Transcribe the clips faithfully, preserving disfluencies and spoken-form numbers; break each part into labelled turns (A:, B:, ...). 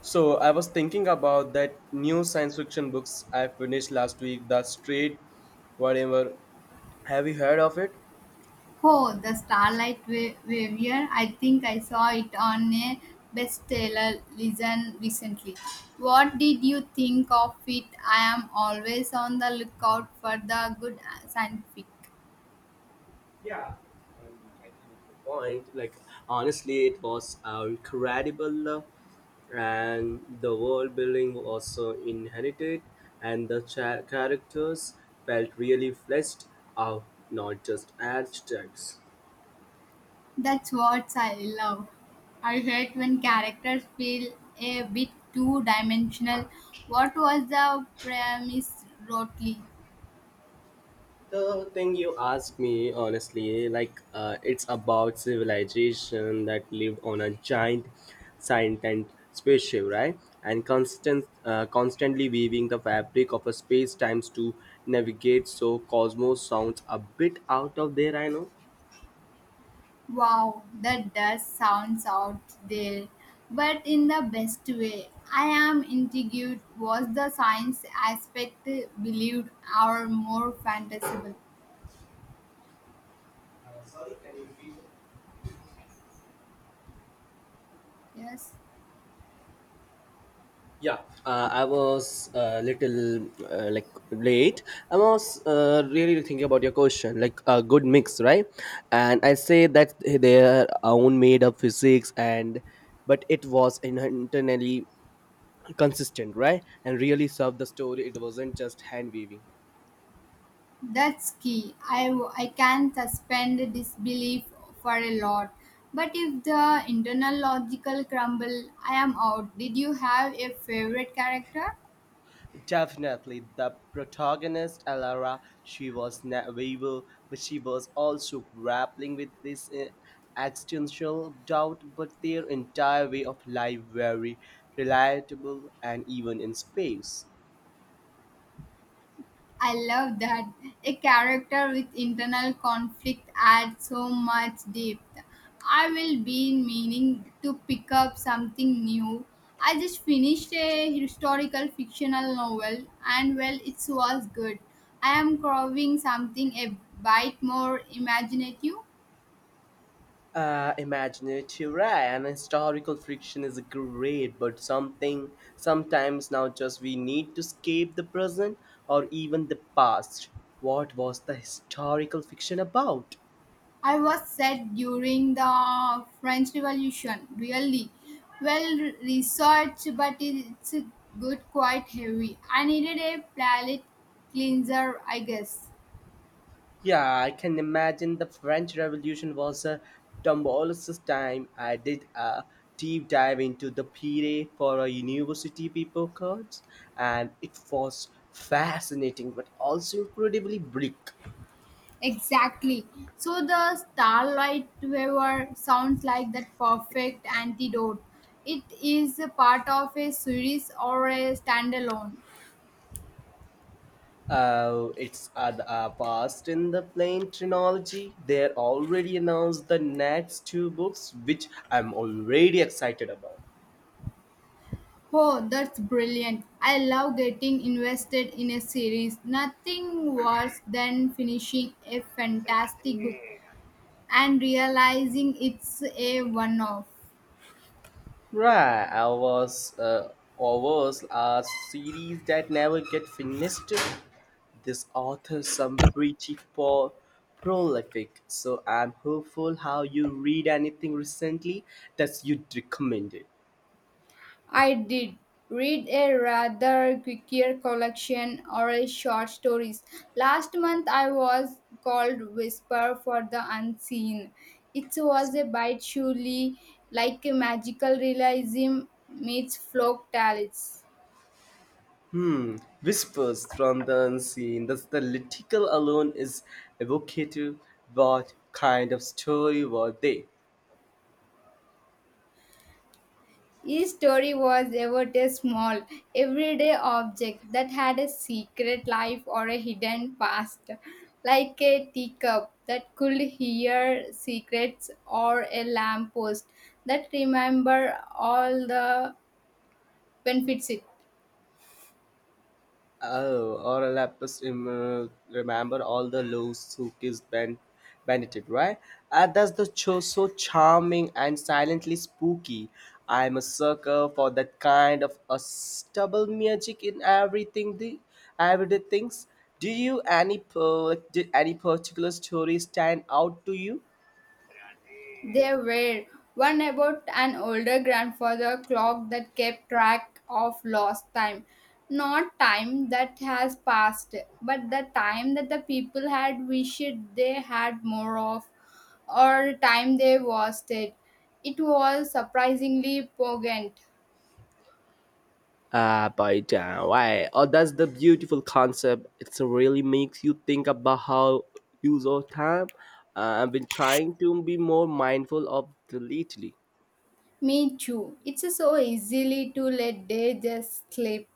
A: So I was thinking about that new science fiction books I finished last week, The Straight Whatever. Have you heard of it?
B: Oh, the Starlight Wa- Warrior. I think I saw it on a bestseller listen recently. What did you think of it? I am always on the lookout for the good scientific.
A: Point. Like honestly, it was uh, incredible, uh, and the world building was so inherited, and the cha- characters felt really fleshed out, not just abstracts.
B: That's what I love. I hate when characters feel a bit two dimensional. What was the premise, Rotely?
A: The thing you ask me, honestly, like uh, it's about civilization that lived on a giant sentient spaceship, right? And constant, uh, constantly weaving the fabric of a space times to navigate. So cosmos sounds a bit out of there, I know.
B: Wow, that does sounds out there, but in the best way. I am intrigued. Was the science aspect believed or more fantasible? Yes,
A: Yeah, uh, I was a little uh, like late. I was uh, really thinking about your question, like a good mix, right? And I say that their own made up physics, and but it was internally consistent, right? And really served the story. It wasn't just hand weaving.
B: that's key. I, I can suspend disbelief for a lot, but if the internal logical crumble, I am out. Did you have a favorite character?
A: Definitely the protagonist, Alara, she was naive, but she was also grappling with this uh, existential doubt. But their entire way of life very relatable and even in space.
B: I love that. A character with internal conflict adds so much depth. I will be meaning to pick up something new. I just finished a historical fictional novel and well it was good. I am craving something a bit more imaginative.
A: Uh, imaginative right? And historical fiction is great, but something sometimes now just we need to escape the present or even the past. What was the historical fiction about?
B: I was set during the French Revolution, really well researched, but it's good, quite heavy. I needed a palate cleanser, I guess.
A: Yeah, I can imagine the French Revolution was a tumultuous time. I did a deep dive into the period for a university paper course, and it was fascinating but also incredibly bleak.
B: Exactly. So the starlight waver sounds like that perfect antidote. It is a part of a series or a standalone.
A: Uh, it's at uh, past in the plain chronology. They already announced the next two books, which I'm already excited about.
B: Oh, that's brilliant. I love getting invested in a series. Nothing worse than finishing a fantastic book and realizing it's a one off.
A: Right, I was uh, I was a series that never get finished. This author some pretty po- prolific, so I'm hopeful how you read anything recently that you'd recommended.
B: I did read a rather quirkier collection or a short stories. Last month I was called Whisper for the Unseen. It was a bite surely like a magical realism meets folk tales.
A: Whispers from the unseen, thus the little alone is evocative. What kind of story were they?
B: Each story was ever a small, everyday object that had a secret life or a hidden past, like a teacup that could hear secrets or a lamppost that remember all the benefits it.
A: Oh, or a lapis um, uh, remember all the loaves who kissed ben- Benedict, right? Uh, that's the show so charming and silently spooky. I'm a sucker for that kind of a stubble magic in everything the everyday things. Do you any per- Did any particular story stand out to you?
B: There were one about an older grandfather clock that kept track of lost time. Not time that has passed, but the time that the people had wished they had more of, or time they wasted. It was surprisingly poignant.
A: Uh, but uh, why? Oh, that's the beautiful concept. It really makes you think about how use your time. Uh, I've been trying to be more mindful of the lately.
B: Me too. It's so easily to let day just slip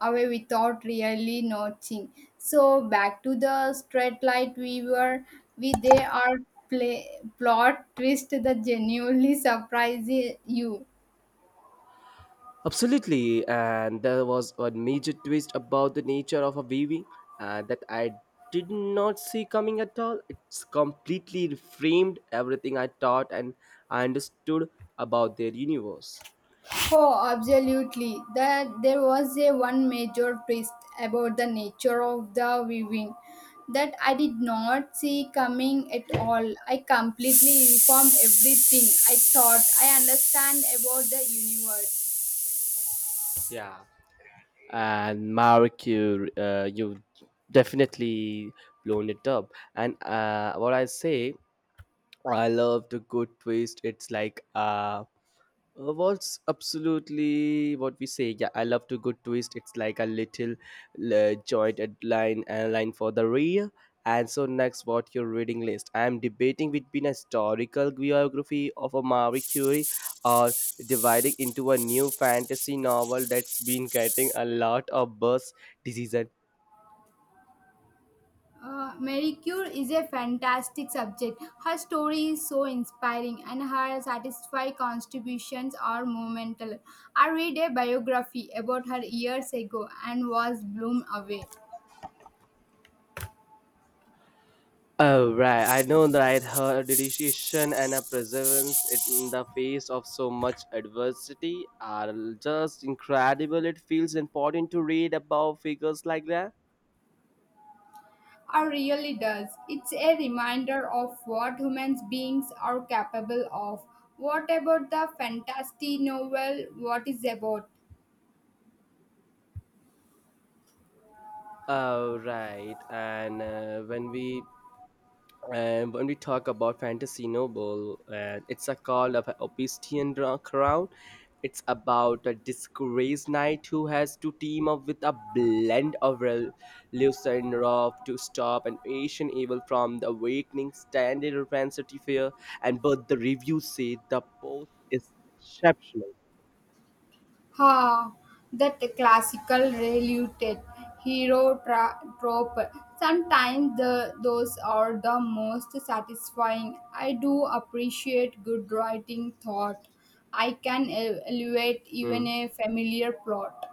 B: away without really noticing. So back to the straight light we were we they are play plot twist that genuinely surprises you.
A: Absolutely, and there was a major twist about the nature of a weaving uh, that I did not see coming at all. It's completely reframed everything I thought and I understood about their universe.
B: Oh, absolutely. That there was a one major twist about the nature of the viewing that I did not see coming at all. I completely reformed everything I thought I understand about the universe.
A: And Mark, you uh, you definitely blown it up. And uh, what I say, I love the good twist. It's like uh, uh, What's absolutely what we say? Yeah, I love to good twist. It's like a little uh, joint line uh, line for the rear. And so next, what your reading list? I am debating between a historical biography of a Marie Curie or dividing into a new fantasy novel that's been getting a lot of buzz. Decision.
B: Uh, Mary Curie is a fantastic subject. Her story is so inspiring and her satisfying contributions are monumental. I read a biography about her years ago and was blown away.
A: Oh, right. I know that her dedication and her perseverance in the face of so much adversity are just incredible. It feels important to read about figures like that.
B: Or really does. It's a reminder of what human beings are capable of. What about the fantasy novel? What is about?
A: Oh, right. And uh, when we and when we talk about fantasy noble uh, it's a call of an obsidian dra- crown it's about a disgraced knight who has to team up with a blend of Rel- Lucinroth to stop an ancient evil from the awakening standard of fantasy fair, and but the reviews say the post is exceptional.
B: Ha! That classical reluted hero tra- trope. Sometimes the, those are the most satisfying. I do appreciate good writing thought. I can el- elevate
A: Hmm.
B: even a familiar plot.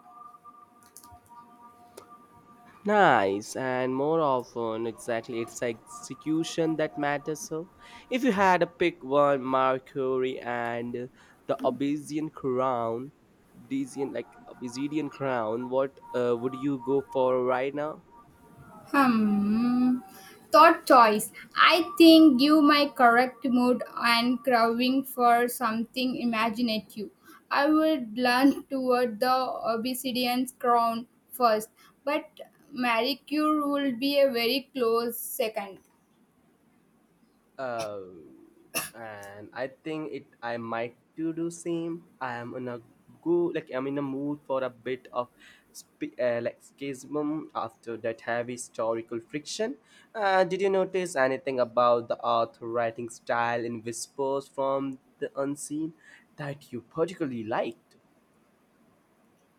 A: Nice, and more often, exactly, it's execution that matters. So, if you had to pick one, Mercury and uh, the Obsidian Crown, Obsidian like Obsidian Crown, what uh, would you go for right now?
B: Hmm. Thought choice. I think give my correct mood and craving for something imaginative. I would learn toward the obsidian's crown first, but Marie Curie would be a very close second.
A: Uh, and I think it I might to do same. I am in a go like I'm in a mood for a bit of sp- uh, like schism after that heavy historical friction. Uh, did you notice anything about the author writing style in Whispers from the Unseen that you particularly liked?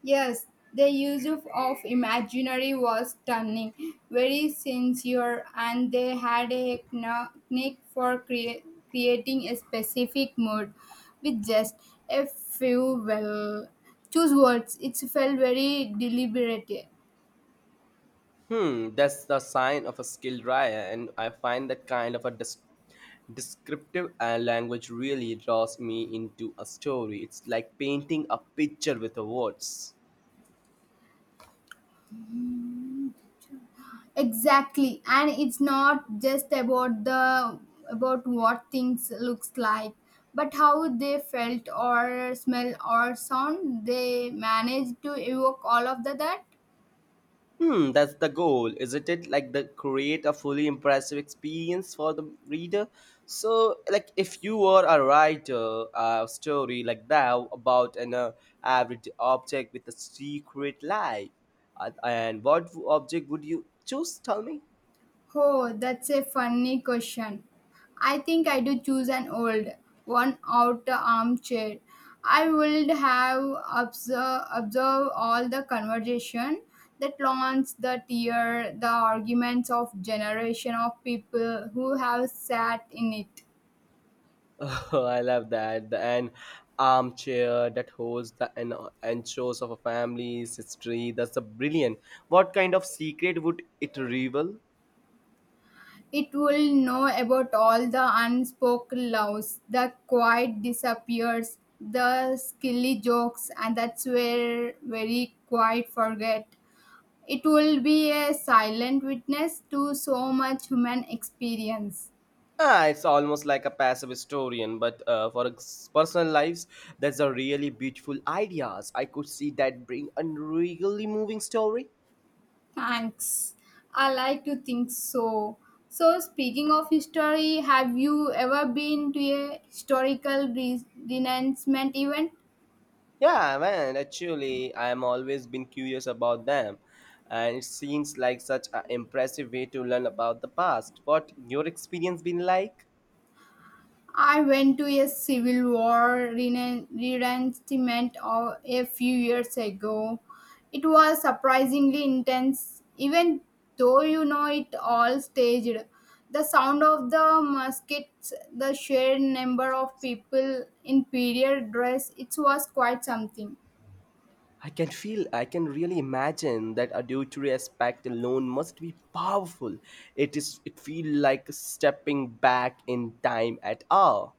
B: Yes, the use of, of imaginary was stunning, very sincere, and they had a technique for crea- creating a specific mood with just a few well choose words. It felt very deliberate.
A: Hmm, that's the sign of a skilled writer, and I find that kind of a dis- descriptive uh, language really draws me into a story. It's like painting a picture with the words.
B: Exactly, and it's not just about the about what things looks like, but how they felt or smell or sound. They managed to evoke all of the that.
A: Hmm, that's the goal, isn't it? Like the create a fully impressive experience for the reader. So, like if you were a writer, a story like that about an uh, everyday object with a secret life, uh, and what object would you choose? Tell me.
B: Oh, that's a funny question. I think I do choose an old one out armchair. I would have observe, observe all the conversation, that taunts, the tear, the arguments of generation of people who have sat in it.
A: Oh, I love that. The an armchair that holds the an- anchors of a family's history. That's a brilliant. What kind of secret would it reveal?
B: It will know about all the unspoken loves, the quiet disappears, the silly jokes, and that's where very quiet forget. It will be a silent witness to so much human experience.
A: Ah, it's almost like a passive historian, but uh, for ex- personal lives, that's a really beautiful ideas. I could see that bring a really moving story.
B: Thanks. I like to think so. So, speaking of history, have you ever been to a historical re- renouncement event?
A: Yeah, man. Actually, I'm always been curious about them, and it seems like such an impressive way to learn about the past. What your experience been like?
B: I went to a Civil War rena- reenactment of- a few years ago. It was surprisingly intense, even though you know it all staged. The sound of the muskets, the sheer number of people in period dress, it was quite something.
A: I can feel, I can really imagine that adultery aspect alone must be powerful. It is, it feels like stepping back in time at all.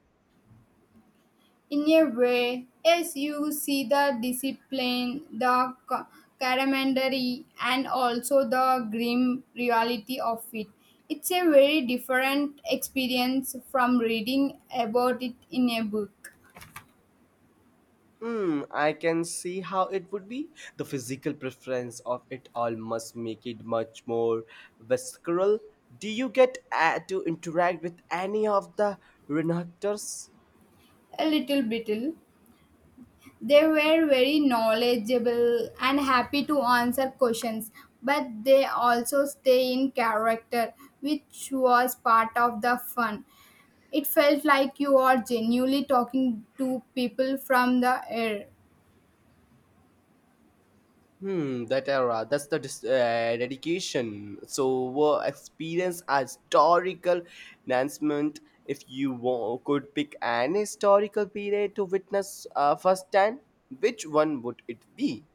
B: In a way, yes, you see the discipline, the ca- camaraderie, and also the grim reality of it. It's a very different experience from reading about it in a book.
A: Hmm, I can see how it would be. The physical preference of it all must make it much more visceral. Do you get uh, to interact with any of the renactors?
B: A little bit. They were very knowledgeable and happy to answer questions, but they also stay in character, which was part of the fun. It felt like you are genuinely talking to people from the air.
A: Hmm, that era. That's the dis- uh, dedication. So, were experience a historical enhancement. If you wa- Could pick an historical period to witness uh, firsthand, which one would it be?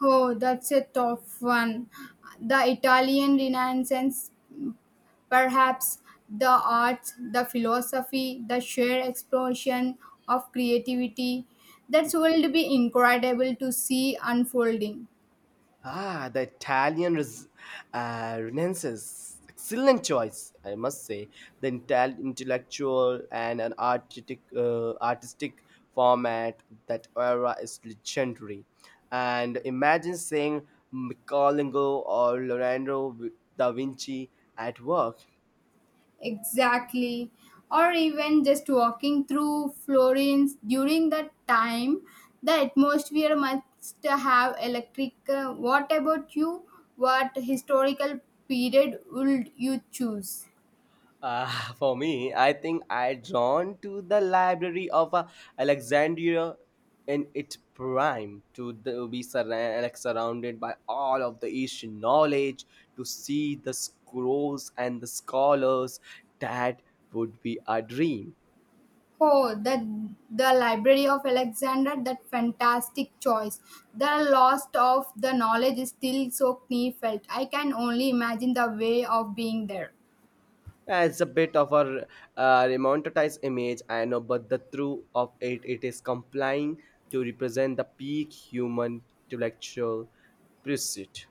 B: Oh, that's a tough one. The Italian Renaissance, perhaps the arts, the philosophy, the sheer explosion of creativity. That will be incredible to see unfolding.
A: Ah, the Italian res- uh, Renaissance. Excellent choice, I must say. The intel- intellectual and an artistic, uh, artistic format that era is legendary. And imagine seeing Michelangelo or Leonardo da Vinci at work.
B: Exactly. Or even just walking through Florence during that time, the atmosphere must have electric. uh, What about you? What historical period would you choose?
A: Uh, for me, I think I drawn to the library of uh, Alexandria in its prime to the, be surra- like, surrounded by all of the ancient knowledge, to see the scrolls and the scholars. That would be a dream.
B: Oh, the the Library of Alexander, that fantastic choice. The loss of the knowledge is still so felt. I can only imagine the way of being there.
A: Yeah, it's a bit of a uh, romanticized image, I know, but the truth of it, it is complying to represent the peak human intellectual pursuit.